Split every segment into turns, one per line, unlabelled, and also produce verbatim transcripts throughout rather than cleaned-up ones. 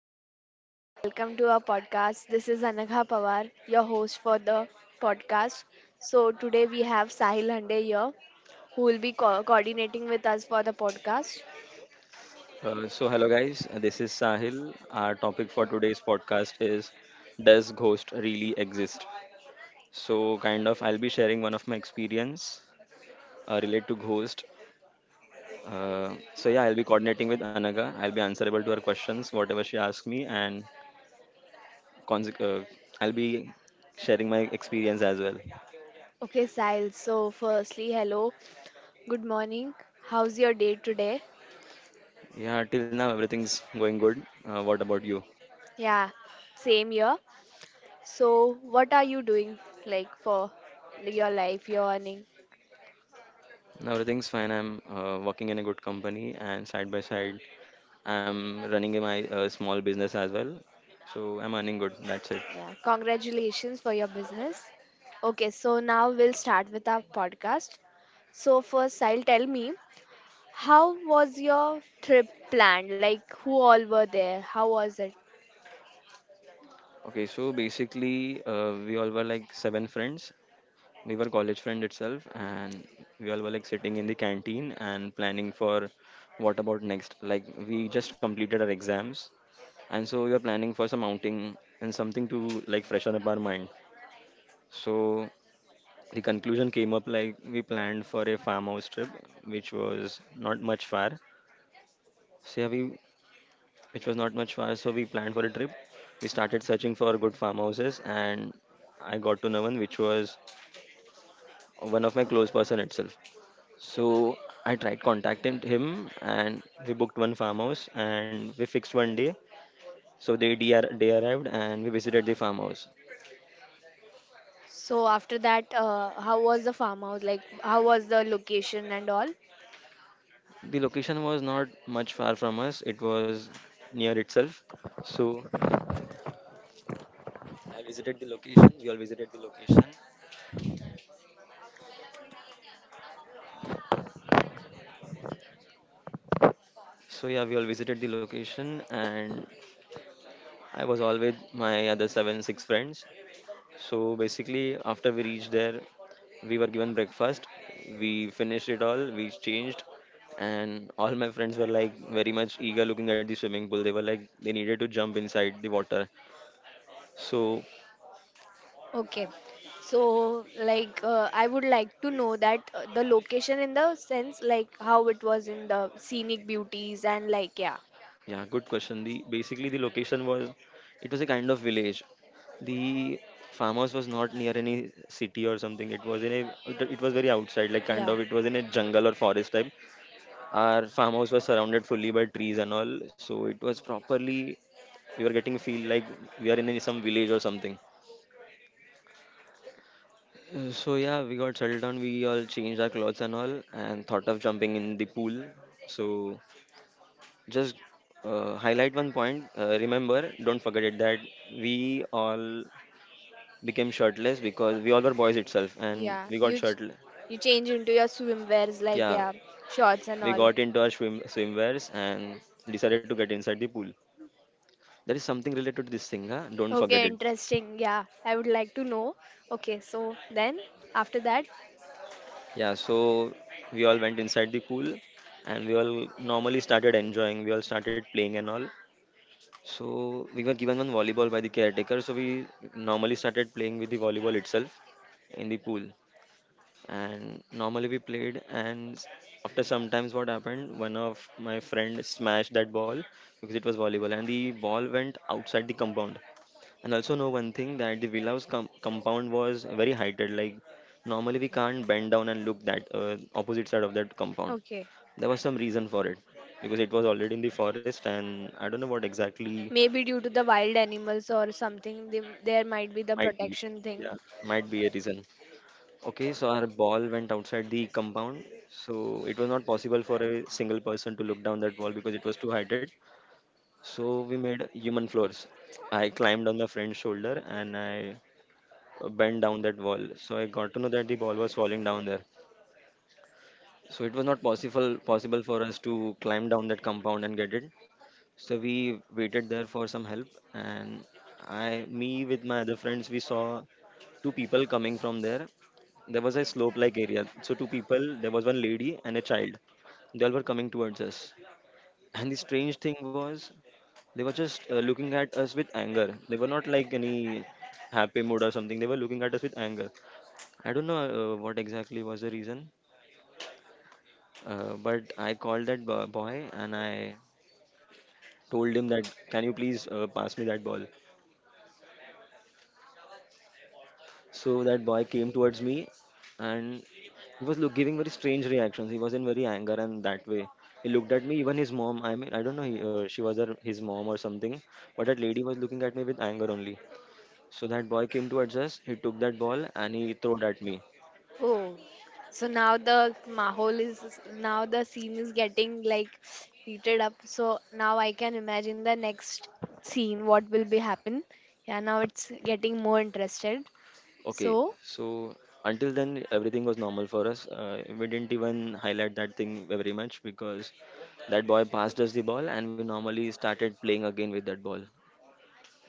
Hello everyone, welcome to our podcast. This is Anagha Pawar, your host for the podcast. So today we have Sahil Hande here, who will be co- coordinating with us for the podcast.
Uh, so, hello guys, uh, this is Sahil. Our topic for today's podcast is Does Ghost Really Exist? So, kind of, I'll be sharing one of my experience uh, related to Ghost. Uh, so, yeah, I'll be coordinating with Anaga. I'll be answerable to her questions, whatever she asks me, and conse- uh, I'll be sharing my experience as well.
Okay, Sahil. So firstly, hello, good morning. How's your day today?
Yeah, till now, everything's going good. Uh, what about you?
Yeah, same here. So what are you doing, like, for your life, your earning?
Now, everything's fine. I'm uh, working in a good company, and side by side, I'm running my uh, small business as well, so I'm earning good. That's it.
Yeah, congratulations for your business. Okay, so now we'll start with our podcast. So first, I'll tell me, how was your trip planned? Like, who all were there? How was it?
Okay, so basically, uh, we all were like seven friends. We were college friend itself, and we all were like sitting in the canteen and planning for what about next. Like we just completed our exams, and so we were planning for some outing and something to like freshen up our mind. So the conclusion came up like we planned for a farmhouse trip, which was not much far. So yeah, we which was not much far. So we planned for a trip. We started searching for good farmhouses, and I got to know one which was one of my close person itself. So I tried contacting him, and we booked one farmhouse, and we fixed one day. So the day, ar- day arrived, and we visited the farmhouse.
So after that, uh, how was the farmhouse? Like, how was the location and all?
The location was not much far from us. It was near itself. So I visited the location. We all visited the location. So yeah, we all visited the location, and I was all with my other seven, six friends. So basically, after we reached there, we were given breakfast. We finished it all. We changed, and all my friends were like very much eager looking at the swimming pool. They were like they needed to jump inside the water. So
Okay. So like uh, I would like to know that uh, the location, in the sense, like, how it was in the scenic beauties and like, yeah.
yeah, good question. The Basically, the location was, it was a kind of village. The farmhouse was not near any city or something. It was in a it, it was very outside, like kind
Yeah.
of it was in a jungle or forest type. Our farmhouse was surrounded fully by trees and all, so it was properly we were getting feel like we are in any- some village or something. Uh, So yeah, we got settled down. We all changed our clothes and all, and thought of jumping in the pool. So just uh, highlight one point. Uh, remember, don't forget it that we all became shirtless because we all were boys itself, and
Yeah,
we got
you ch-
shirtless.
you change into your swimwears, like,
Yeah,
yeah, shorts and
we
all.
got into our swim swimwears and decided to get inside the pool. There is something related to this thing, huh? Don't forget
Okay,
it.
interesting. Yeah, I would like to know. Okay, so then after that,
Yeah, so we all went inside the pool and we all normally started enjoying. We all started playing and all. So we were given one volleyball by the caretaker. So we normally started playing with the volleyball itself in the pool. And normally we played and s- after sometimes what happened, one of my friend smashed that ball because it was volleyball and the ball went outside the compound. And also know one thing that the Villa's com- compound was very heighted. Like normally we can't bend down and look that uh, opposite side of that compound.
okay,
There was some reason for it because it was already in the forest, and I don't know what exactly
maybe due to the wild animals or something, they, there might be the
might be.
protection thing.
Yeah, might be a reason. Okay, so our ball went outside the compound, so it was not possible for a single person to look down that wall because it was too heighted. So we made human floors. I climbed on the friend's shoulder and I uh, bent down that wall. So I got to know that the ball was falling down there. So it was not possible possible for us to climb down that compound and get it. So we waited there for some help, and I, me with my other friends, we saw two people coming from there. There was a slope-like area. So two people, there was one lady and a child. They all were coming towards us. And the strange thing was, they were just uh, looking at us with anger. They were not like any happy mood or something. They were looking at us with anger. I don't know uh, what exactly was the reason, uh, but I called that bo- boy and I told him that, can you please uh, pass me that ball? So that boy came towards me and he was look, giving very strange reactions. He was in very anger and that way. He looked at me, even his mom. I mean, I don't know, he, uh, she was her, his mom or something, but that lady was looking at me with anger only. So that boy came towards us, he took that ball and he threw it at me.
Oh, so now the mahol is, now the scene is getting like heated up. So now I can imagine the next scene. What will be happen? Yeah, now it's getting more interested.
Okay,
So
so until then, everything was normal for us. Uh, we didn't even highlight that thing very much because that boy passed us the ball and we normally started playing again with that ball.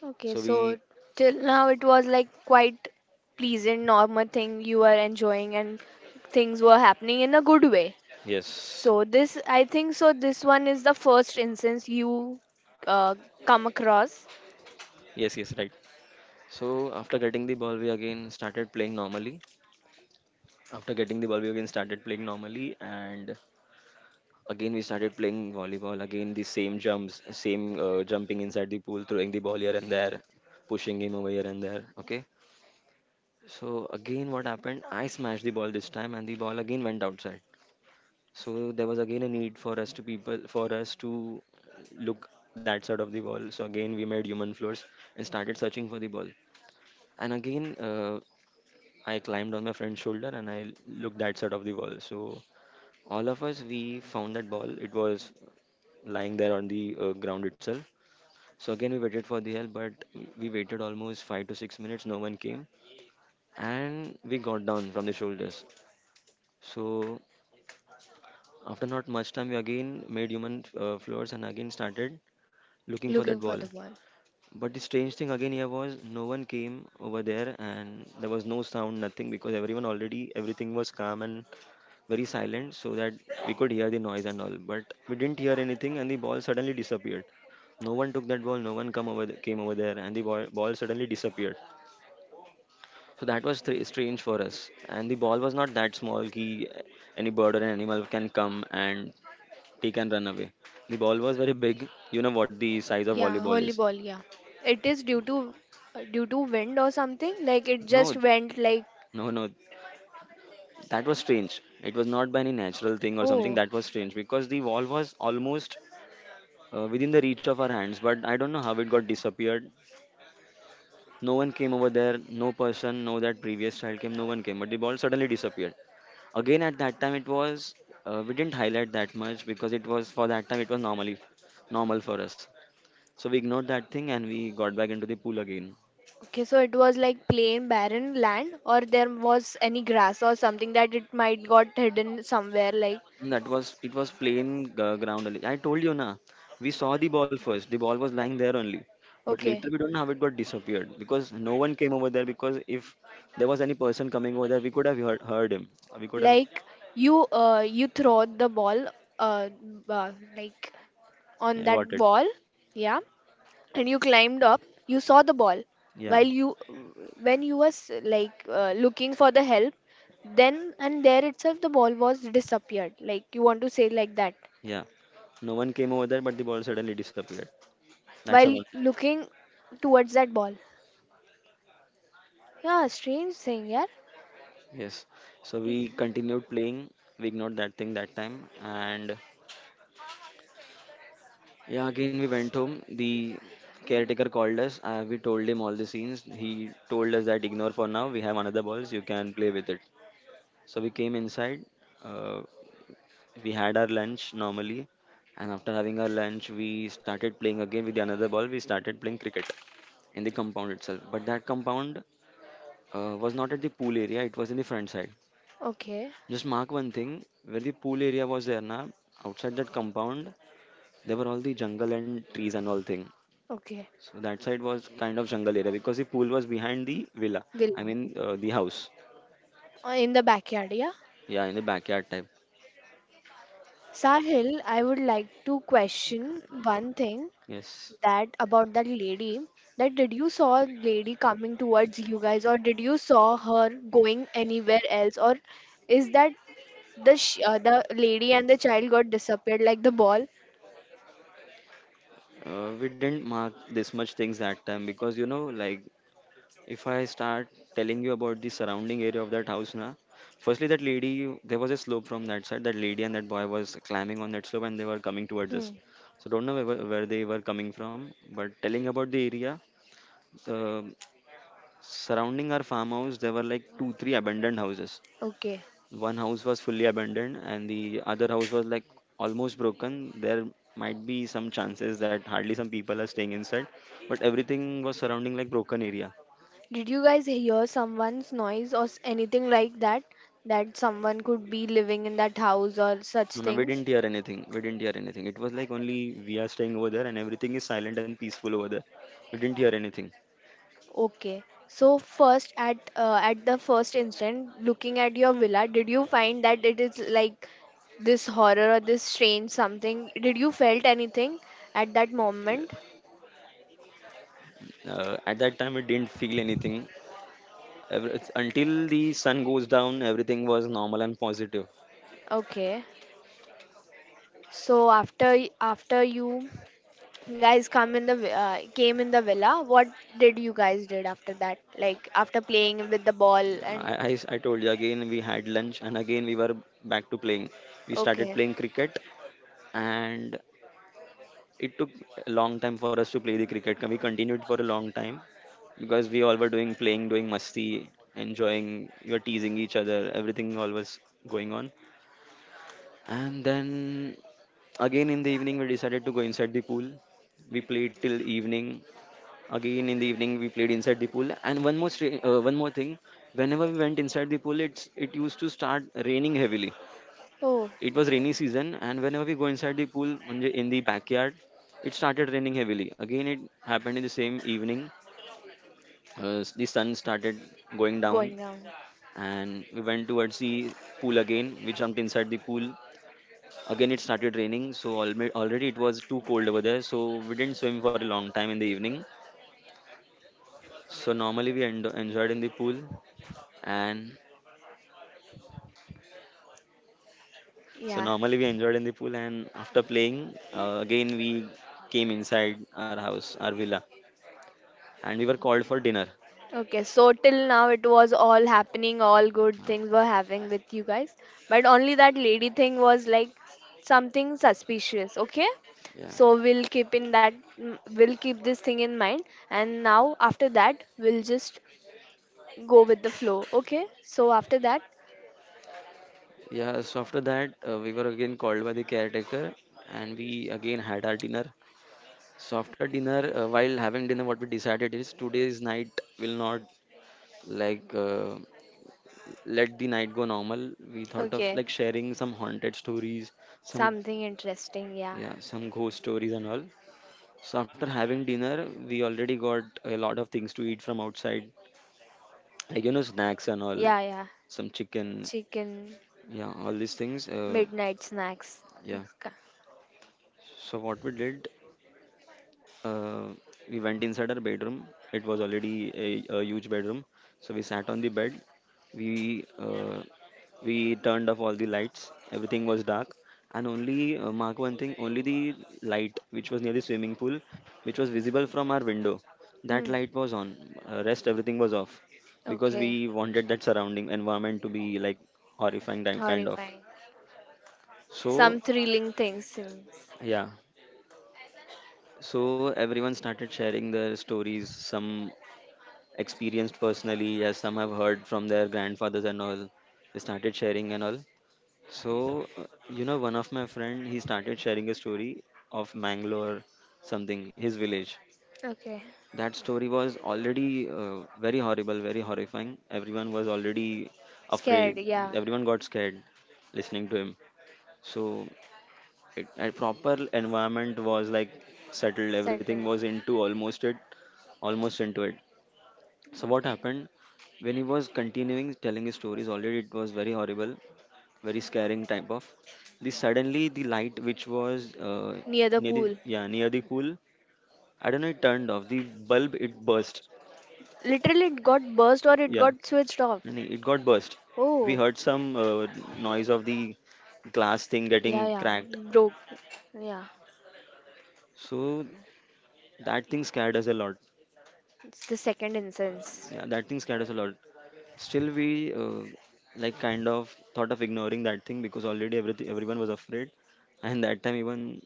Okay,
So
so
we,
till now it was like quite pleasant, normal thing you were enjoying, and things were happening in a good way.
yes,
So this, I think so this one is the first instance you uh, come across.
yes, yes, right. So after getting the ball, we again started playing normally. After getting the ball, we again started playing normally. And again, we started playing volleyball. Again, the same jumps, same uh, jumping inside the pool, throwing the ball here and there, pushing him over here and there. Okay. So again, what happened? I smashed the ball this time, and the ball again went outside. So there was again a need for us to people for us to look that side of the ball. So again, we made human floors and started searching for the ball. And again, uh, I climbed on my friend's shoulder and I looked that side of the ball. So all of us we found that ball. It was lying there on the uh, ground itself. So again, we waited for the help, but we waited almost five to six minutes. No one came, and we got down from the shoulders. So after not much time, we again made human uh, floors and again started looking for that
Looking for
ball.
the ball.
But the strange thing again here was no one came over there, and there was no sound, nothing because everyone already everything was calm and very silent so that we could hear the noise and all, but we didn't hear anything and the ball suddenly disappeared. No one took that ball, no one come over th- came over there, and the ball, ball suddenly disappeared. So that was th- strange for us, and the ball was not that small ki any bird or an animal can come and take and run away. The ball was very big, you know what the size of
Yeah,
volleyball
holy
is.
ball. Yeah. It is due to uh, due to wind or something, like it
No,
just went like…
no, no, that was strange. It was not by any natural thing or something.
Oh.
That was strange because the ball was almost uh, within the reach of our hands, but I don't know how it got disappeared. No one came over there, no person, no that previous child came, no one came, but the ball suddenly disappeared. Again at that time it was uh, we didn't highlight that much because it was for that time it was normally normal for us. So we ignored that thing and we got back into the pool again.
Okay, so it was like plain barren land, or there was any grass or something that it might got hidden somewhere, like…
That was It was plain uh, ground only. I told you na, we saw the ball first. The ball was lying there only, but
Okay.
later we don't know how it got disappeared because no one came over there. Because if there was any person coming over there, we could have heard, heard him. We could have.
Like, you uh you throw the ball, uh, uh like on
Yeah,
that
got it.
wall, yeah, and you climbed up, you saw the ball
Yeah,
while you when you was like uh, looking for the help, then and there itself the ball was disappeared. Like, you want to say like that,
yeah. No one came over there, but the ball suddenly disappeared. That's
while
about.
looking towards that ball. Yeah, strange thing, yeah.
Yes. So we continued playing. We ignored that thing that time, and yeah, again we went home. The caretaker called us. Uh, we told him all the scenes. He told us that ignore for now. We have another balls. You can play with it. So we came inside. Uh, we had our lunch normally, and after having our lunch, we started playing again with the another ball. We started playing cricket in the compound itself. But that compound uh, was not at the pool area. It was in the front side.
Okay.
Just mark one thing. Where the pool area was there, na outside that compound, there were all the jungle and trees and all thing.
Okay.
So that side was kind of jungle area because the pool was behind the villa. I
Villa.
mean uh, the house.
Uh, In the backyard, yeah.
Yeah, in the backyard type.
Sahil, I would like to question one thing,
Yes.
that about that lady. That, did you saw lady coming towards you guys, or did you saw her going anywhere else, or is that the sh- uh, the lady and the child got disappeared like the ball?
Uh, we didn't mark this much things that time because you know like if I start telling you about the surrounding area of that house na, firstly that lady, there was a slope from that side. That lady and that boy was climbing on that slope and they were coming towards
Hmm.
us. So don't know where, where they were coming from. But telling about the area, the surrounding our farmhouse there were like two three abandoned houses.
Okay.
One house was fully abandoned and the other house was like almost broken. There might be some chances that hardly some people are staying inside, but everything was surrounding like broken area.
Did you guys hear someone's noise or s- anything like that? That someone could be living in that house or such
No, no, we
things?
didn't hear anything. We didn't hear anything. It was like only we are staying over there and everything is silent and peaceful over there. We didn't hear anything.
Okay. So first at uh, at the first instant, looking at your villa, did you find that it is like this horror or this strange something, did you felt anything at that
Yeah.
moment?
Uh, at that time, we didn't feel anything. Ever, it's- until the sun goes down, everything was normal and positive.
Okay. So after y- after you guys come in the vi- uh, came in the villa, what did you guys did after that, like after playing with the ball and…
I I I told you again we had lunch and again we were back to playing. We started
okay.
playing cricket, and it took a long time for us to play the cricket. We continued for a long time because we all were doing playing, doing musti, enjoying, we were teasing each other, everything all was going on. And then again in the evening, we decided to go inside the pool. We played till evening. Again in the evening, we played inside the pool. And one more stra- uh, one more thing, whenever we went inside the pool, it's it used to start raining heavily.
Oh,
It was rainy season, and whenever we go inside the pool म्हणजे in the backyard, it started raining heavily. Again, it happened in the same evening. Uh, s- the sun started going down,
going down.
and we went towards the pool again. We jumped inside the pool. Again, it started raining, so alme- already it was too cold over there, so we didn't swim for a long time in the evening. So normally we en- enjoyed in the pool, and so
Yeah.
normally we enjoyed in the pool, and after playing, uh, again we came inside our house, our villa, and we were called for dinner.
Okay, so till now it was all happening, all good things were having with you guys. But only that lady thing was like something suspicious, okay?
Yeah.
So we'll keep in that mm, we'll keep this thing in mind, and now after that we'll just go with the flow, okay? So after that,
Yeah, so after that, uh, we were again called by the caretaker and we again had our dinner. So after dinner, uh, while having dinner, what we decided is today's night will not like uh, let the night go normal. We thought of
okay,
like sharing some haunted stories, some
something interesting, yeah.
yeah, some ghost stories and all. So after having dinner, we already got a lot of things to eat from outside, like you know snacks and all,
Yeah, yeah.
some chicken,
Chicken.
yeah, all these things. Uh,
Midnight snacks.
yeah. So what we did, uh, we went inside our bedroom. It was already a, a huge bedroom, so we sat on the bed. We uh, we turned off all the lights. Everything was dark, and only uh, mark one thing: only the light which was near the swimming pool, which was visible from our window, that
Hmm.
light was on. Uh, rest everything was off because we
Okay.
wanted that surrounding environment to be like horrifying di- kind of.
Horrifying. Some
So
thrilling things, seems.
yeah. So everyone started sharing their stories. Some experienced personally, as some have heard from their grandfathers and all. They started sharing and all. So, uh, you know, one of my friend, he started sharing a story of Mangalore, something, his village.
Okay.
That story was already uh, very horrible, very horrifying. Everyone was already
Scared,
afraid.
yeah.
Everyone got scared listening to him. So, it, a proper environment was like settled. Everything
Settled.
was into almost it, almost into it. So what happened when he was continuing telling his stories? Already it was very horrible, very scaring type of. The suddenly the light which was uh,
Near the
near the
pool.
yeah near the pool, I don't know it turned off. The bulb it burst.
Literally, it got burst or it
Yeah,
got switched off?
and it it got burst. We
Oh,
heard some uh, noise of the glass thing getting
yeah, yeah.
cracked.
Broke. Yeah.
So that thing scared us a lot.
It's the second instance.
Yeah, that thing scared us a lot. Still, we uh, like kind of thought of ignoring that thing because already everything everyone was afraid, and that time even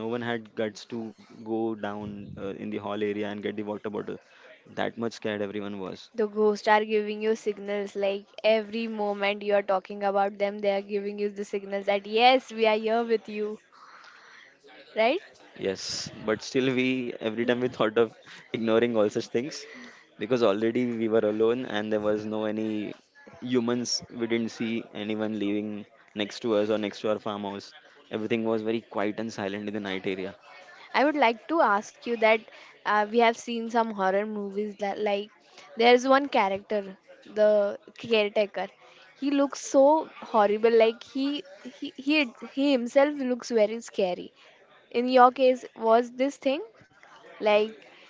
no one had guts to go down uh, in the hall area and get the water bottle. That much scared everyone was.
The ghosts are giving you signals, like, every moment you are talking about them, they are giving you the signals that yes, we are here with you. Right?
Yes, but still we every time we thought of ignoring all such things because already we were alone and there was no any humans. We didn't see anyone living next to us or next to our farmhouse. Everything was very quiet and silent in the night area.
I would like to ask you that, uh, we have seen some horror movies that, like, there's one character, the caretaker. He looks so horrible. Like, he he he, he himself looks very scary. In your case, was this thing like?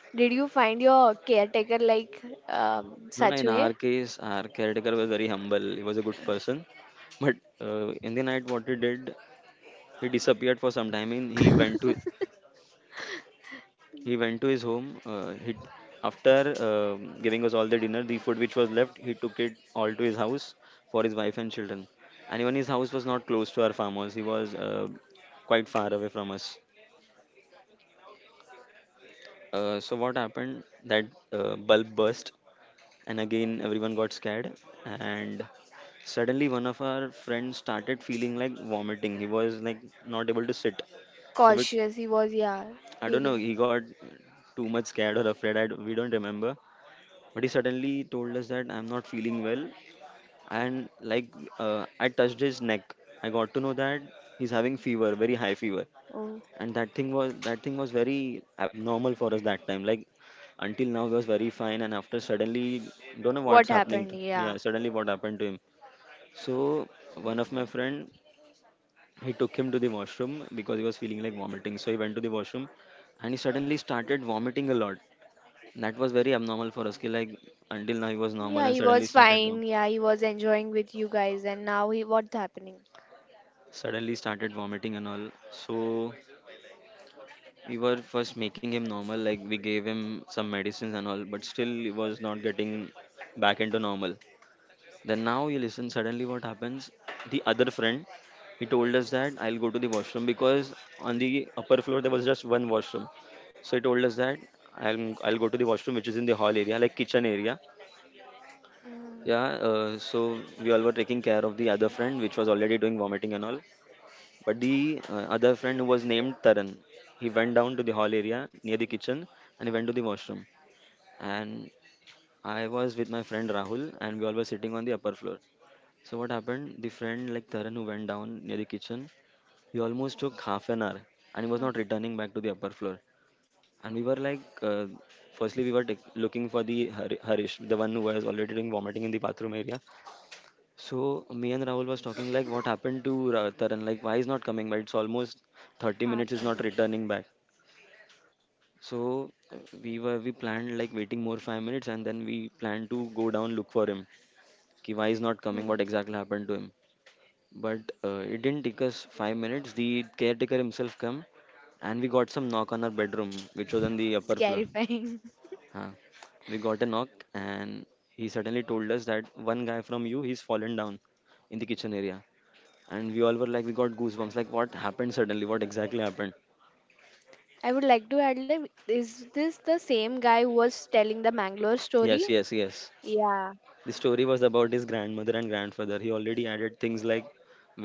Did you find your caretaker like, um,
No, no,
such
in our
way?
case, our caretaker was very humble. He was a good person. But uh, in the night, what he did, he disappeared for some time. And he went to he went to his home. Uh, he after uh, giving us all the dinner, the food which was left, he took it all to his house for his wife and children. And even his house was not close to our farmers. He was uh, quite far away from us. Uh, so what happened? That uh, bulb burst and again everyone got scared and suddenly one of our friends started feeling like vomiting, he was like not able to sit, so we,
Cautious? He was, yeah,
I don't know
feeling.
he got too much scared or afraid. I, we don't remember, but he suddenly told us that I'm not feeling well and like, uh, I touched his neck, I got to know that he's having fever, very high fever.
Oh,
And that thing was, that thing was very abnormal for us that time, like until now he was very fine and after suddenly don't know what's
what
happening
happened?
to,
Yeah.
yeah suddenly what happened to him. So one of my friend, he took him to the washroom because he was feeling like vomiting, so he went to the washroom and he suddenly started vomiting a lot. That was very abnormal for us ki, like until now he was normal
Yeah,
and
he
suddenly
was
started vom-
fine. Yeah, he was enjoying with you guys, and now he, what's happening?
suddenly started vomiting and all. So we were first making him normal, like we gave him some medicines and all, but still he was not getting back into normal. Then now you listen, suddenly what happens, the other friend, he told us that I'll go to the washroom because on the upper floor there was just one washroom. So he told us that i'll I'll go to the washroom which is in the hall area, like kitchen area.
Mm,
Yeah, uh, so we all were taking care of the other friend which was already doing vomiting and all, but the uh, other friend who was named Taran, he went down to the hall area near the kitchen and he went to the washroom. And I was with my friend Rahul and we all were sitting on the upper floor. So what happened? The friend like Taran who went down near the kitchen, he almost took half an hour and he was
no,
not returning back to the upper floor. And we were like, uh, firstly we were tak- looking for the Har- Harish, the one who was already doing vomiting in the bathroom area. So me and Rahul was talking like what happened to Ra- Taran, like why he's not coming back? It's almost thirty
half
minutes, he's
an
not
hour.
returning back. So uh, we were we planned like waiting more five minutes and then we planned to go down look for him. Ki why he's not coming?
Hmm.
What exactly happened to him? But uh, it didn't take us five minutes. The caretaker himself come and we got some knock on our bedroom, which was on the
It's
upper floor.
terrifying.
Huh. We got a knock and he suddenly told us that one guy from you he's fallen down in the kitchen area and we all were like we got goosebumps like what happened, suddenly what exactly happened.
I would like to add, like, is this the same guy who was telling the Mangalore
Yes,
story?
yes, yes,
Yeah.
the story was about his grandmother and grandfather. He already added things like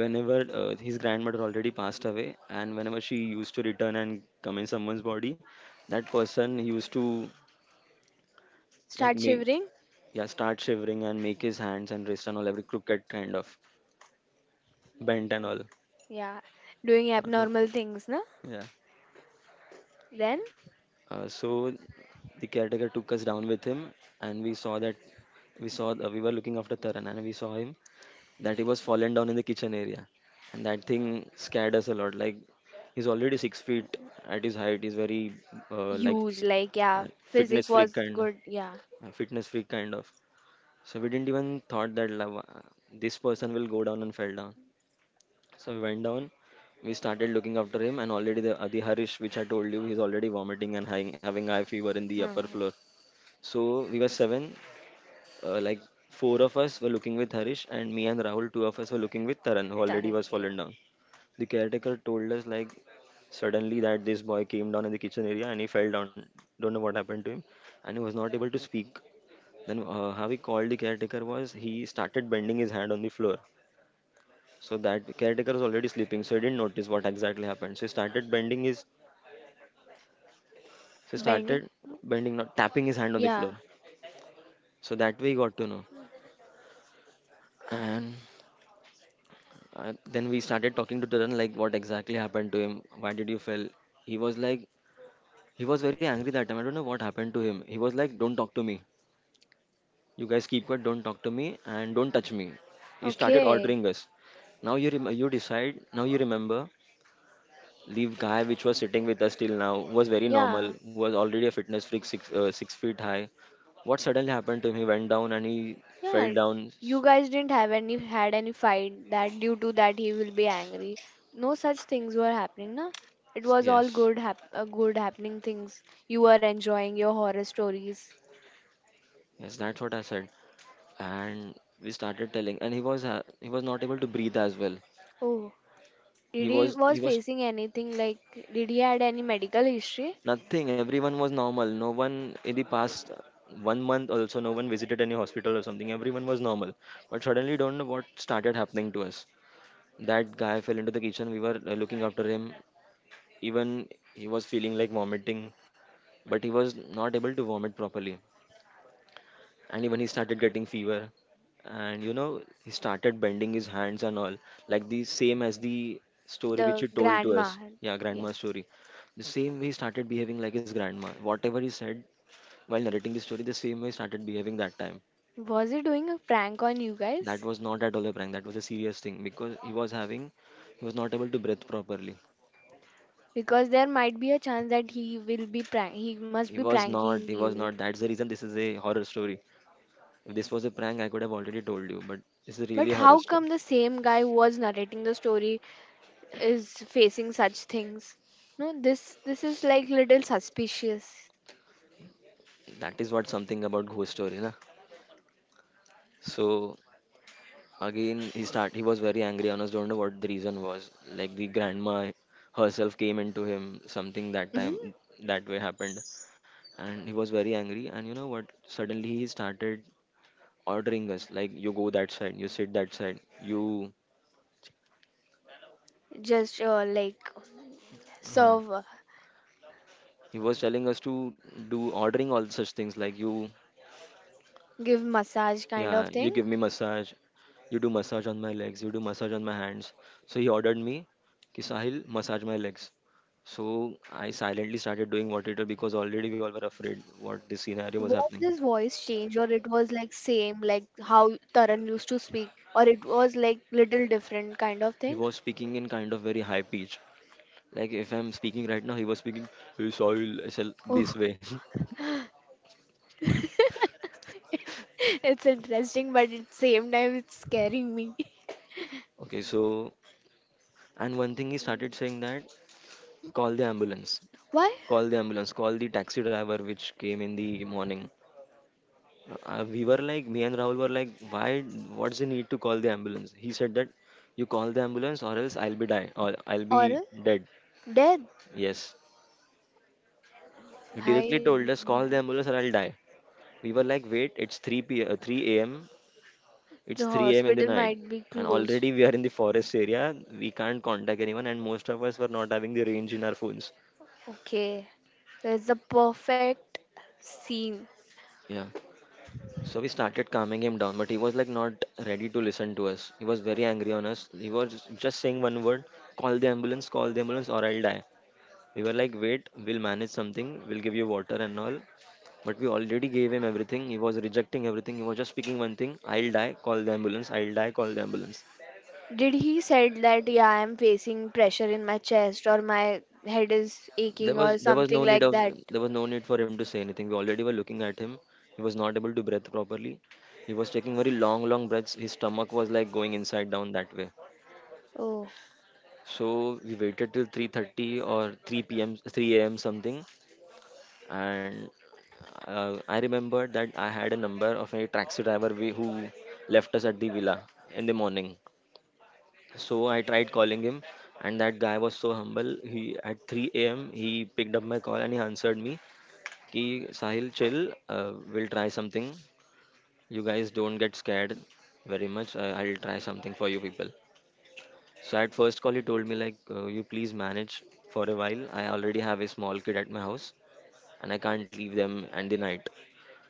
whenever uh, his grandmother already passed away and whenever she used to return and come in someone's body, that person used to like
Start
make
shivering.
yeah, start shivering and make his hands and wrist and all every crooked kind of bent and all.
Yeah. Doing
Uh,
abnormal
Okay.
things, no?
Yeah.
Then,
Uh, so the caretaker took us down with him, and we saw that we saw uh, we were looking after Taran, and we saw him that he was fallen down in the kitchen area, and that thing scared us a lot. Like he's already six feet at his height. He's very uh, like f-
huge, like,
uh,
yeah.
fitness
Physics
freak
was
kind,
good. Yeah.
uh, fitness freak kind of. So we didn't even thought that lava, this person will go down and fell down. So we went down. We started looking after him, and already the Adi Harish, which I told you, he's already vomiting and having, having high fever in the upper
Hmm.
floor. So we were seven, uh, like four of us were looking with Harish, and me and Rahul, two of us were looking with Taran, who already
Tarang,
was
yeah.
fallen down. The caretaker told us like suddenly that this boy came down in the kitchen area and he fell down. Don't know what happened to him, and he was not able to speak. Then uh, how we called the caretaker was he started bending his hand on the floor. So that caretaker was already sleeping, so he didn't notice what exactly happened. So he started bending his, so he
Bending.
started bending, not tapping his hand on the
Yeah.
floor. So that way he got to know. And Uh, then we started talking to Tarun, like what exactly happened to him? Why did you fell? He was like, he was very angry that time. I don't know what happened to him. He was like, don't talk to me. You guys keep quiet. Don't talk to me and don't touch me. He started
Okay.
ordering us. Now you rem- you decide. Now you remember. Leave guy which was sitting with us till now who was very normal,
Yeah,
who was already a fitness freak, six uh, six feet high. What suddenly happened to him? He went down and he fell
yeah.
down.
You guys didn't have any had any fight that due to that he will be angry. No such things were happening, na. It was all
Yes,
good, hap- uh, good happening things. You were enjoying your horror stories.
yes, that's what I said, and we started telling and he was ha- he was not able to breathe as well.
Oh, did
he
he
was
was
he was
facing anything like? Did he had any medical history?
nothing. Everyone was normal. No one in the past uh, one month also, no one visited any hospital or something. Everyone was normal, but suddenly don't know what started happening to us. That guy fell into the kitchen. We were uh, looking after him. Even he was feeling like vomiting, but he was not able to vomit properly, and even he started getting fever, and you know he started bending his hands and all, like the same as the story which
The
he told to us,
grandma.
yeah,
Yeah.
grandma's story. The same way he started behaving like his grandma, whatever he said while narrating the story, the same way he started behaving that time.
Was he doing a prank on you
That
guys?
was not at all a prank. That was a serious thing because he was having, he was not able to breathe properly.
Because there might be a chance that he will be prank. He must
he
be
was
pranking
not he was
you.
not that's the reason this is a horror story. If this was a prank I could have already told you, but it's a
But
really horror
how
story.
come the same guy who was narrating the story is facing such things? No, this this is like little suspicious.
That is what, something about ghost story na. So again, he start. He was very angry. Honest, don't know what the reason was. Like the grandma herself came into him. Something that
Mhm.
time that way happened, and he was very angry. And you know what? Suddenly he started ordering us. Like you go that side, you sit that side, you.
Just, uh, like,
uh
serve, uh,
He was telling us to do ordering all such things. Like you.
give massage kind of
Yeah, you
thing.
give me massage. You do massage on my legs. You do massage on my hands. So he ordered me, "Ki Sahil, massage my legs." So I silently started doing what he, because already we all were afraid what this scenario was
Was
happening.
his voice change, or it was like same like how Taran used to speak, or it was like little different kind of
He
thing?
was speaking in kind of very high pitch. Like if I'm speaking right now, he was speaking, "Hey, Sahil, I said
Oh,
this way."
it's interesting, but at same time it's scaring me.
Okay, so and one thing he started saying that call the ambulance,
Why?
call the ambulance, call the taxi driver which came in the morning. Uh, we were like, me and Rahul were like, why, what's the need to call the ambulance? He said that you call the ambulance or else I'll be die, or I'll be
Or
dead.
dead.
Yes, he directly
Bhai,
told us call the ambulance or I'll die. We were like, wait, it's three p uh, three a.m.
the
It's three a.m. in the
hospital might
night,
be
and
closed.
already we are in the forest area. We can't contact anyone and most of us were not having the range in our phones.
Okay, that's the perfect scene.
Yeah. So we started calming him down, but he was like not ready to listen to us. He was very angry on us. He was just saying one word, call the ambulance, call the ambulance, or I'll die. We were like, wait, we'll manage something, we'll give you water and all. But we already gave him everything. He was rejecting everything. He was just speaking one thing, I'll die, call the ambulance, I'll die, call the ambulance.
Did he said that, yeah, I'm facing pressure in my chest, or my head is
There
aching,
was
or
there was
something
no need
like
of
that?
there was no need for him to say anything. We already were looking at him. He was not able to breathe properly. He was taking very long, long breaths. His stomach was like going inside down that way.
Oh.
So we waited till three thirty or three p m three a m something, and uh, I remember that I had a number of a taxi driver we, who left us at the villa in the morning. So I tried calling him, and that guy was so humble. He at three a m he picked up my call and he answered me, "Ki Sahil, chill. Uh, we'll try something. You guys don't get scared very much. Uh, I'll try something for you people." So at first call, he told me like, uh, "You please manage for a while. I already have a small kid at my house, and I can't leave them and the night."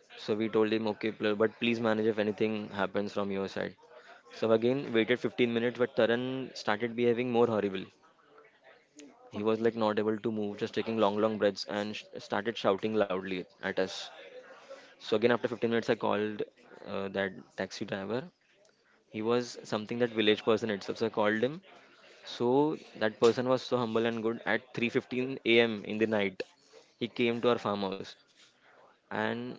So we told him, "Okay, pl- but please manage if anything happens from your side." So again, waited fifteen minutes, but Taran started behaving more horrible. He was
Okay.
like not able to move, just taking long, long breaths, and sh- started shouting loudly at us. So again, after fifteen minutes, I called uh, that taxi driver. He was something that village person itself. So I called him. So that person was so humble and good. At three fifteen a m in the night, he came to our farmhouse and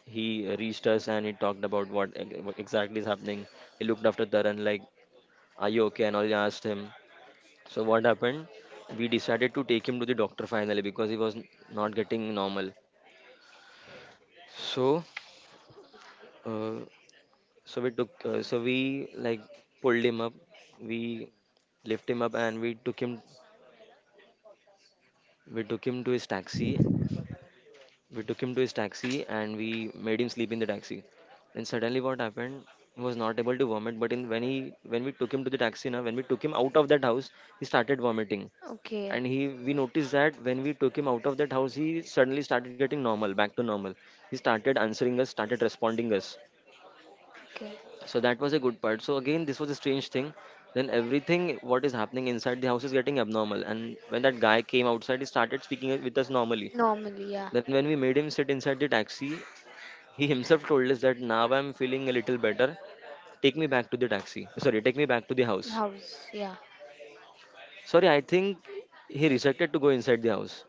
he reached us and he talked about what ex- what exactly is happening. He looked after Taran like, "Are you okay?" and all. He asked him. So what happened? We decided to take him to the doctor finally because he was n- not getting normal. So, uh, so we took, uh, so we like pulled him up. We lifted him up and we took him, we took him to his taxi we took him to his taxi and we made him sleep in the taxi. And suddenly what happened, he was not able to vomit, but in when he, when we took him to the taxi, now when we took him out of that house, he started vomiting.
Okay.
And he, we noticed that when we took him out of that house he suddenly started getting normal, back to normal. He started answering us, started responding us.
Okay.
So that was a good part. So again, this was a strange thing, then everything what is happening inside the house is getting abnormal, and when that guy came outside he started speaking with us normally.
Normally, yeah.
Then when we made him sit inside the taxi, he himself told us that now I'm feeling a little better. Take me back to the taxi. Sorry, take me back to the house.
House, yeah.
Sorry, I think he rejected to go inside the house.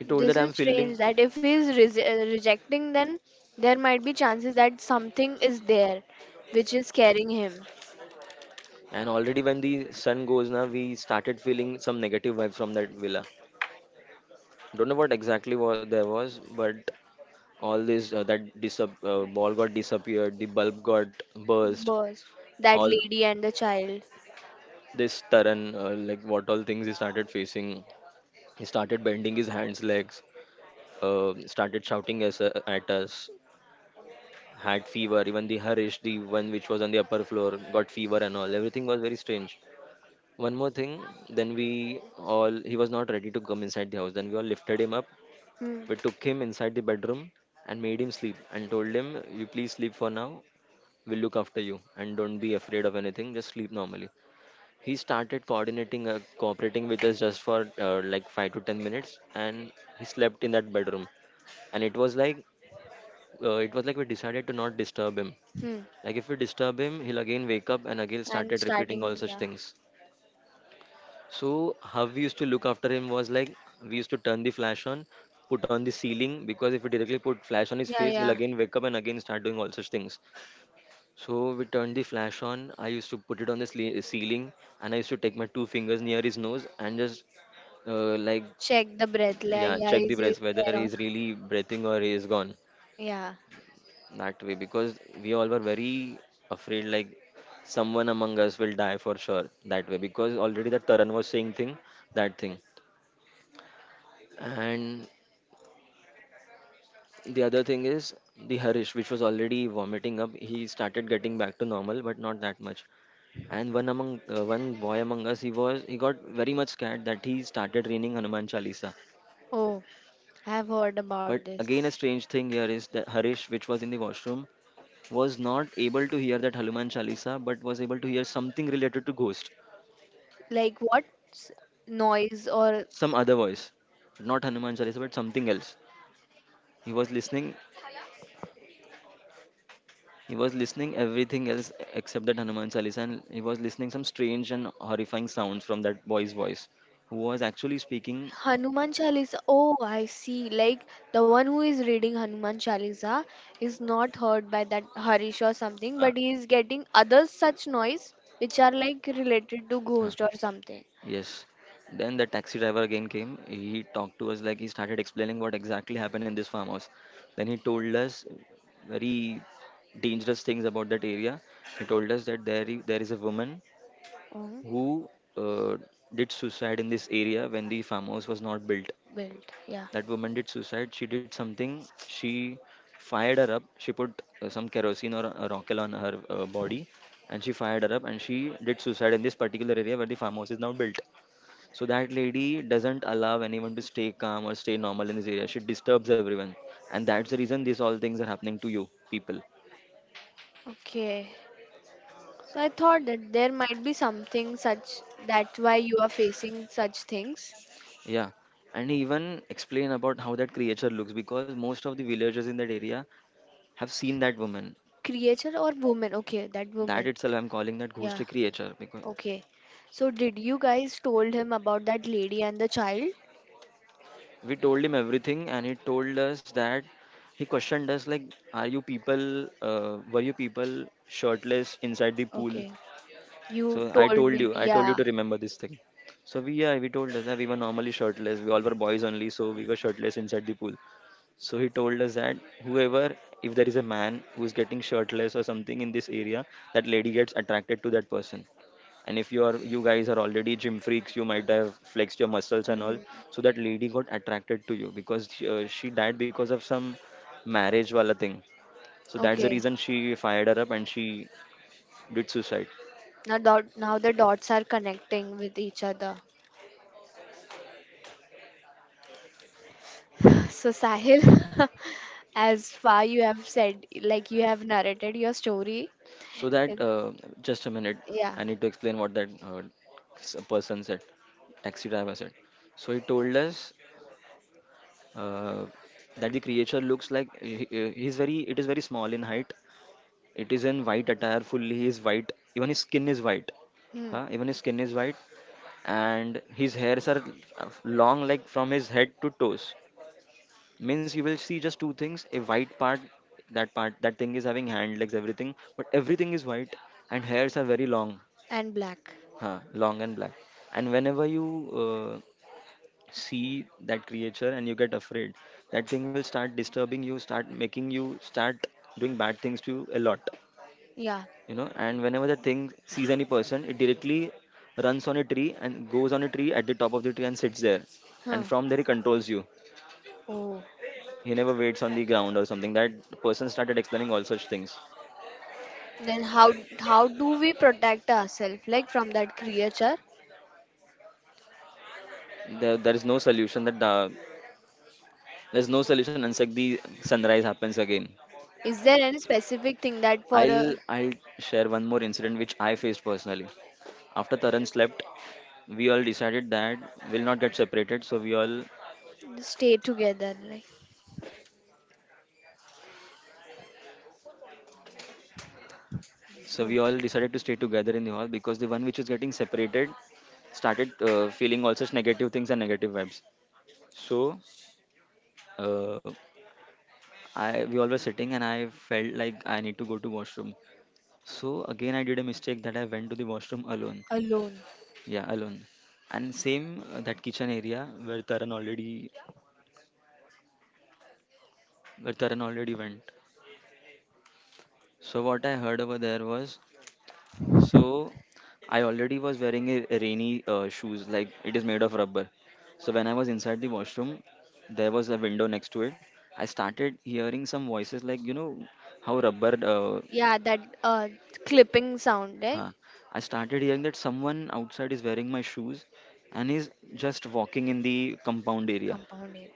He told that
This is
I'm feeling,
strange that if he is res- uh, rejecting, then there might be chances that something is there which is carrying him.
and already when the sun goes now, we started feeling some negative vibe from that villa. Don't know what exactly what there was, but all this uh, that disap- uh, ball got disappeared, the bulb got burst,
Burst. That
all
lady and the child.
this Taran, uh, like what all things he started facing. He started bending his hands, legs. Uh, started shouting as, uh, at us, had fever. Even the Harish, the one which was on the upper floor, got fever and all. Everything was very strange. One more thing, then we all, he was not ready to come inside the house, then we all lifted him up.
Hmm.
We took him inside the bedroom and made him sleep and told him you please sleep for now, we'll look after you and don't be afraid of anything, just sleep normally. He started coordinating uh, cooperating with us just for uh, like five to ten minutes, and he slept in that bedroom. And it was like, uh, it was like we decided to not disturb him.
Hmm.
Like if we disturb him, he'll again wake up and again
And
started repeating all
starting,
such
yeah.
things. So how we used to look after him was like we used to turn the flash on, put on the ceiling, because if we directly put flash on his
Yeah,
face, he'll
yeah.
again wake up and again start doing all such things. So we turned the flash on. I used to put it on the sle- ceiling, and I used to take my two fingers near his nose and just uh, like
Check the breath. Yeah,
yeah,
yeah.
check the
Is it
breath whether
there? Or.
he's really breathing or he is gone
Yeah.
that way, because we all were very afraid like someone among us will die for sure that way, because already that Taran was saying thing, that thing. And the other thing is, the Harish which was already vomiting up, he started getting back to normal but not that much. And one among uh, one boy among us, he was he got very much scared that he started reading Hanuman Chalisa.
Oh, I have heard
But
about this.
again, a strange thing here is that Harish which was in the washroom was not able to hear that Hanuman Chalisa but was able to hear something related to ghost,
Like, what, s- noise, or…
some other voice, not Hanuman Chalisa, but something else. He was listening. He was listening everything else except that Hanuman Chalisa, and he was listening some strange and horrifying sounds from that boy's voice, who was actually speaking.
Hanuman Chalisa? Oh, I see. Like, the one who is reading Hanuman Chalisa is not heard by that Harish or something,
Uh,
but he is getting other such noise which are like related to
uh,
ghost or something.
Yes. Then the taxi driver again came. He talked to us, like he started explaining what exactly happened in this farmhouse. Then he told us very dangerous things about that area. He told us that there i- there is a woman
Oh,
who uh, did suicide in this area when the farmhouse was not built.
built. Yeah.
That woman did suicide. She did something. She fired her up. She put uh, some kerosene or a rocket on her uh, body, and she fired her up. And she did suicide in this particular area where the farmhouse is now built. So that lady doesn't allow anyone to stay calm or stay normal in this area. She disturbs everyone, and that's the reason these all things are happening to you people.
Okay. So I thought that there might be something such that's why you are facing such things.
Yeah, and even explain about how that creature looks, because most of the villagers in that area have seen that woman.
Creature or woman? Okay, that
That
woman.
itself, I'm calling that ghost
Yeah.
a creature because
Okay. So did you guys told him about that lady and the child?
we told him everything, and he told us that he questioned us like, "Are you people? Uh, were you people shirtless inside the pool?
Okay. You
So I
told
told
me,
you, I told you
yeah.
to remember this thing. So we, yeah, we told us that we were normally shirtless. We all were boys only, so we were shirtless inside the pool. So he told us that whoever, if there is a man who is getting shirtless or something in this area, that lady gets attracted to that person. And if you are, you guys are already gym freaks, you might have flexed your muscles and all.
Mm.
So that lady got attracted to you because she, uh, she died because of some marriage wala thing. So that's the
Okay.
reason she fired her up and she did suicide.
Now dot now the dots are connecting with each other. So Sahil, as far you have said, like, you have narrated your story.
So
It,
that uh, just a minute,
yeah.
I need to explain what that uh, s- person said, taxi driver said. So he told us uh, that the creature looks like he, he- he's very. It is very small in height. It is in white attire, fully. He is white. Even his skin is white.
Hmm.
Huh? Even his skin is white, and his hairs are uh, long, like from his head to toes. Means you will see just two things: a white part, that part, that thing is having hand, legs, everything, but everything is white, and hairs are very long.
And black.
Huh, long and black. And whenever you uh, see that creature and you get afraid, that thing will start disturbing you, start making you, start doing bad things to you a lot.
Yeah.
You know, and whenever the thing sees any person, it directly runs on a tree and goes on a tree at the top of the tree and sits there.
Huh.
And from there, he controls you.
Oh.
He never waits on the ground or something. That person started explaining all such things.
Then, how how do we protect ourselves, like, from that creature?
There, there is no solution that uh, there's no solution unless the sunrise happens again.
Is there any specific thing that, for a…
I'll I'll share one more incident which I faced personally. After Taran slept, we all decided that we'll not get separated. So we all
stay together, like,
so
for…
we all decided to stay together in the hall because the one which is getting separated started uh, feeling all such negative things and negative vibes. So uh, I we all were sitting and I felt like I need to go to washroom. So again I did a mistake that I went to the washroom alone.
alone?
Yeah, alone. And same uh, that kitchen area where Taran already where Taran already went. So what I heard over there was, so I already was wearing a a rainy uh, shoes, like it is made of rubber. So when I was inside the washroom, there was a window next to it. I started hearing some voices, like you know, how rubber. Uh,
Yeah, that uh clipping sound, right?
huh. I started hearing that someone outside is wearing my shoes and is just walking in the compound area.
Compounded.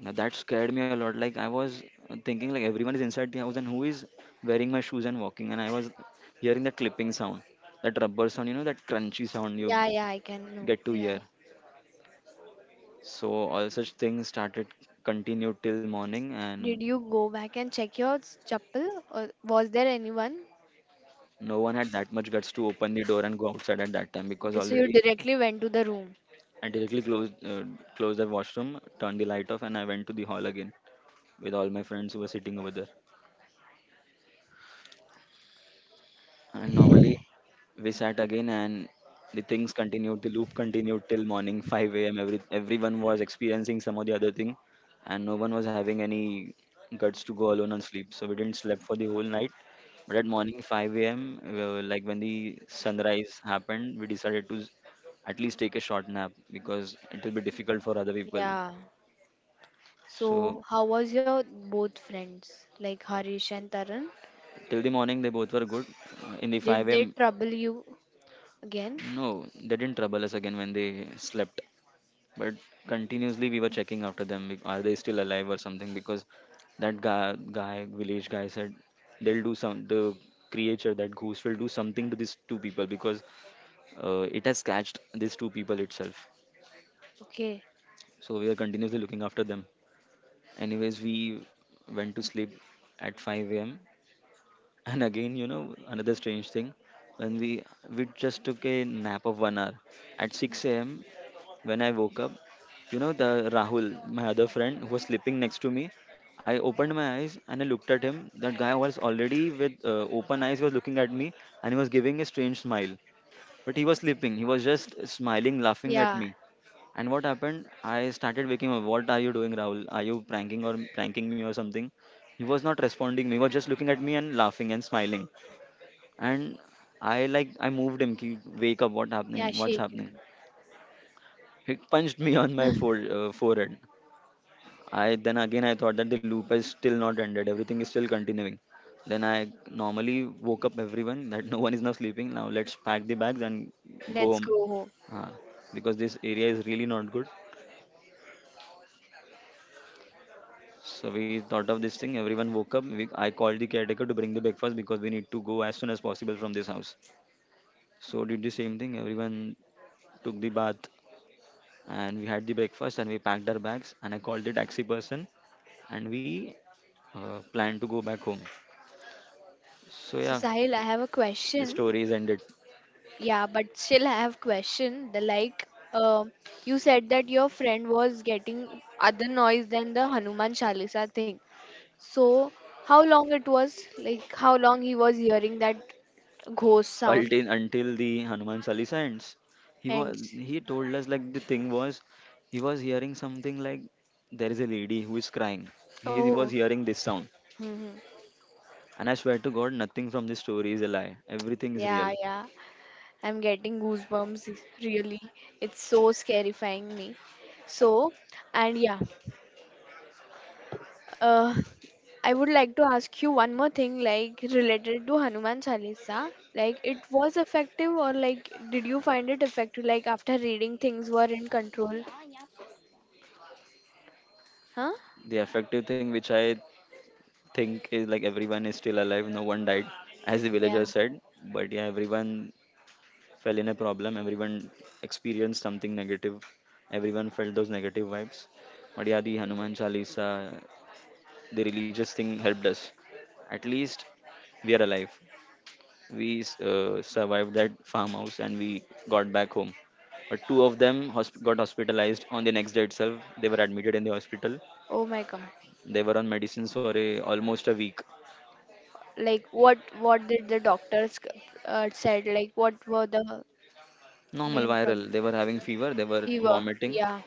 Now that scared me a lot. Like I was uh, thinking, like everyone is inside the house, and who is wearing my shoes and walking? And I was hearing that clipping sound, that rubber sound, you know, that crunchy sound you
Yeah, yeah, I can know.
get to
Yeah.
hear. So all such things started continued till morning, and
Did you go back and check your s- chappal, or was there anyone?
no one had that much guts to open the door and go outside at that time because
Okay, so you
already
directly went to the room.
I directly closed uh, closed the washroom, turned the light off, and I went to the hall again with all my friends who were sitting over there. And normally we sat again, and the things continued, the loop continued till morning five a m. Every, everyone was experiencing some or the other thing, and no one was having any guts to go alone and sleep. So we didn't sleep for the whole night. But at morning five a m, uh, like when the sunrise happened, we decided to s- at least take a short nap because it will be difficult for other people.
Yeah.
So
So how was your both friends, like Harish and Tarun?
till the morning, they both were good. Uh, in the
Did
5
they
a.m.,
trouble you? Again?
no, they didn't trouble us again when they slept. But continuously we were checking after them like, are they still alive or something, because that guy, guy village guy said they'll do some, the creature, that goose will do something to these two people because uh, it has catched these two people itself.
Okay.
So we are continuously looking after them. Anyways, we went to sleep at five a.m. And again, you know, another strange thing, when we we just took a nap of one hour at six a.m. When I woke up, you know, the Rahul, my other friend who was sleeping next to me, I opened my eyes and I looked at him. That guy was already with uh, open eyes, was looking at me, and he was giving a strange smile. But he was sleeping. He was just smiling, laughing at
Yeah.
me. And what happened? I started waking up. What are you doing, Rahul? Are you pranking or pranking me or something? He was not responding me. He was just looking at me and laughing and smiling. And I like I moved him. "Ki, wake up! What
Yeah,
happening? What's
shake
happening?
it.
He punched me on my fore, uh, forehead. I then again I thought that the loop is still not ended. Everything is still continuing. Then I normally woke up everyone that no one is now sleeping. Now let's pack the bags and go
Let's
home.
go home.
Uh, because this area is really not good. So we thought of this thing. Everyone woke up. We, I called the caretaker to bring the breakfast because we need to go as soon as possible from this house. So did the same thing. Everyone took the bath, and we had the breakfast, and we packed our bags, and I called the taxi person, and we uh, planned to go back home. So
So
yeah,
Sahil, I have a
the
question.
story is ended.
Yeah, but still I have question. The Like, um you said that your friend was getting other noise than the Hanuman Chalisa thing. So how long it was? Like, how long he was hearing that ghost sound?
Ulti- until the Hanuman Chalisa ends. He
And
was, he told us like the thing was, he was hearing something like there is a lady who is crying. He, he was
Oh,
hearing this sound,
hmm,
and I swear to God, nothing from this story is a lie. Everything is
yeah,
real.
yeah. I'm getting goosebumps, really. It's so scarifying me. So, and yeah, uh, I would like to ask you one more thing, like, related to Hanuman Chalisa. Like, it was effective, or, like, did you find it effective? Like, after reading, things were in control? Huh?
The effective thing which I think is like everyone is still alive. No one died, as the
Yeah.
villagers said. But yeah, everyone fell in a problem. Everyone experienced something negative. Everyone felt those negative vibes. But yeah, the Hanuman Chalisa, the religious thing helped us. At least we are alive. We uh, survived that farmhouse, and we got back home. But two of them hosp- got hospitalized on the next day itself. They were admitted in the hospital.
Oh my God.
They were on medicines for a, almost a week.
Like, what what did the doctors uh, said? Like, what were the
Normal
main
viral.
problems?
They were having fever. They were
Fever,
vomiting.
yeah.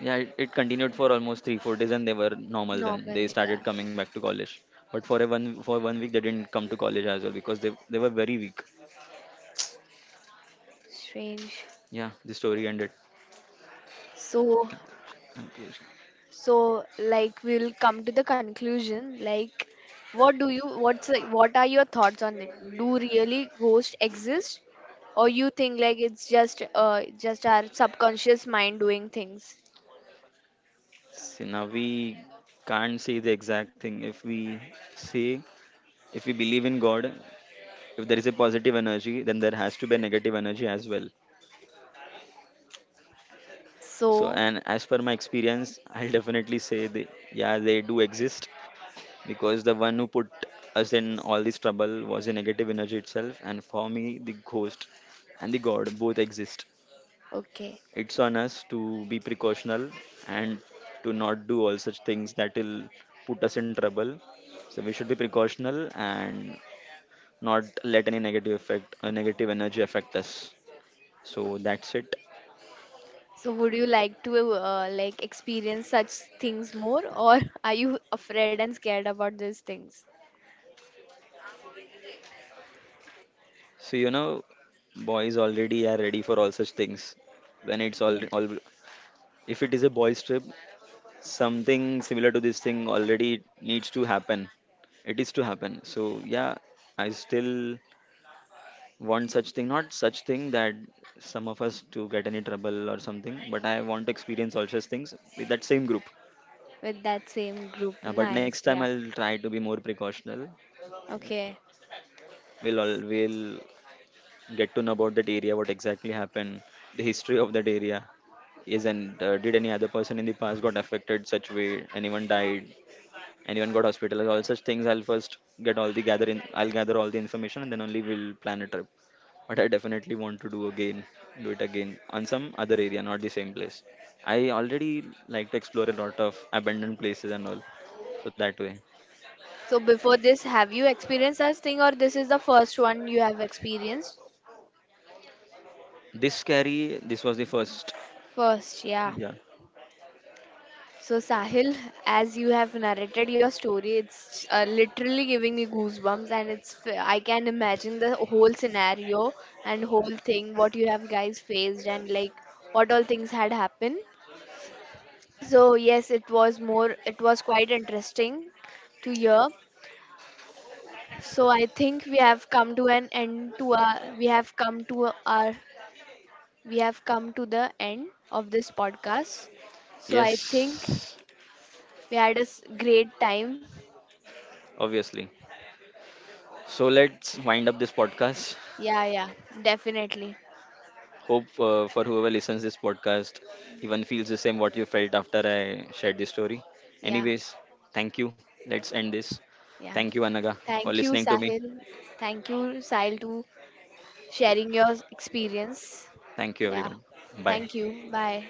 Yeah, it, it continued for almost three four days, and they were normal. Then
Normal,
they
yeah.
started coming back to college. But for a one for one week, they didn't come to college as well because they they were very weak.
Strange.
Yeah, the story ended.
So,
Okay.
so like we'll come to the conclusion. Like, what do you? What's, like, what are your thoughts on it? Do really ghosts exist, or you think like it's just uh just our subconscious mind doing things?
See, now we can't say the exact thing. If we say, if we believe in God, if there is a positive energy, then there has to be a negative energy as well. So,
So,
and as per my experience, I'll definitely say, they, yeah, they do exist because the one who put us in all this trouble was a negative energy itself. And for me, the ghost and the God both exist.
okay.
It's on us to be precautional and to not do all such things that will put us in trouble. So we should be precautional and not let any negative effect, uh, negative energy affect us. So that's it.
So, would you like to uh, like, experience such things more, or are you afraid and scared about these things?
So you know, boys already are ready for all such things. When it's
Yeah.
all, all if it is a boys trip, something similar to this thing already needs to happen. It is to happen. So yeah, I still want such thing, not such thing that some of us to get any trouble or something, but I want to experience all such things with that same group.
With that same group?
Uh, but next
Nice.
time
Yeah.
I'll try to be more precautional.
Okay.
We'll all we'll get to know about that area, what exactly happened, the history of that area is, and uh, did any other person in the past got affected such way, anyone died, and even got hospitalized, all such things. I'll first get all the gather in i'll gather all the information, and then only we'll plan a trip. But I definitely want to do again do it again on some other area, not the same place. I already like to explore a lot of abandoned places and all, so that way
So before this, have you experienced such thing, or this is the first one you have experienced?
this scary this was the first.
First, yeah.
Yeah.
So Sahil, as you have narrated your story, it's uh, literally giving me goosebumps, and it's f- I can imagine the whole scenario and whole thing what you have guys faced, and, like, what all things had happened. So yes, it was more it was quite interesting to hear. So I think we have come to an end to our we have come to our we have come to the end of this podcast. So I think
Yes,
we had a s- great time.
obviously. So let's wind up this podcast.
Yeah, yeah, definitely.
Hope uh, for whoever listens this podcast even feels the same what you felt after I shared this story.
Yeah,
Anyways, thank you. Let's end this.
yeah.
Thank you, Anaga, for
Thank you,
listening to me.
Sahil. Thank you, Sahil, to sharing your experience.
Thank you,
Yeah.
everyone. Bye.
Thank you. Bye.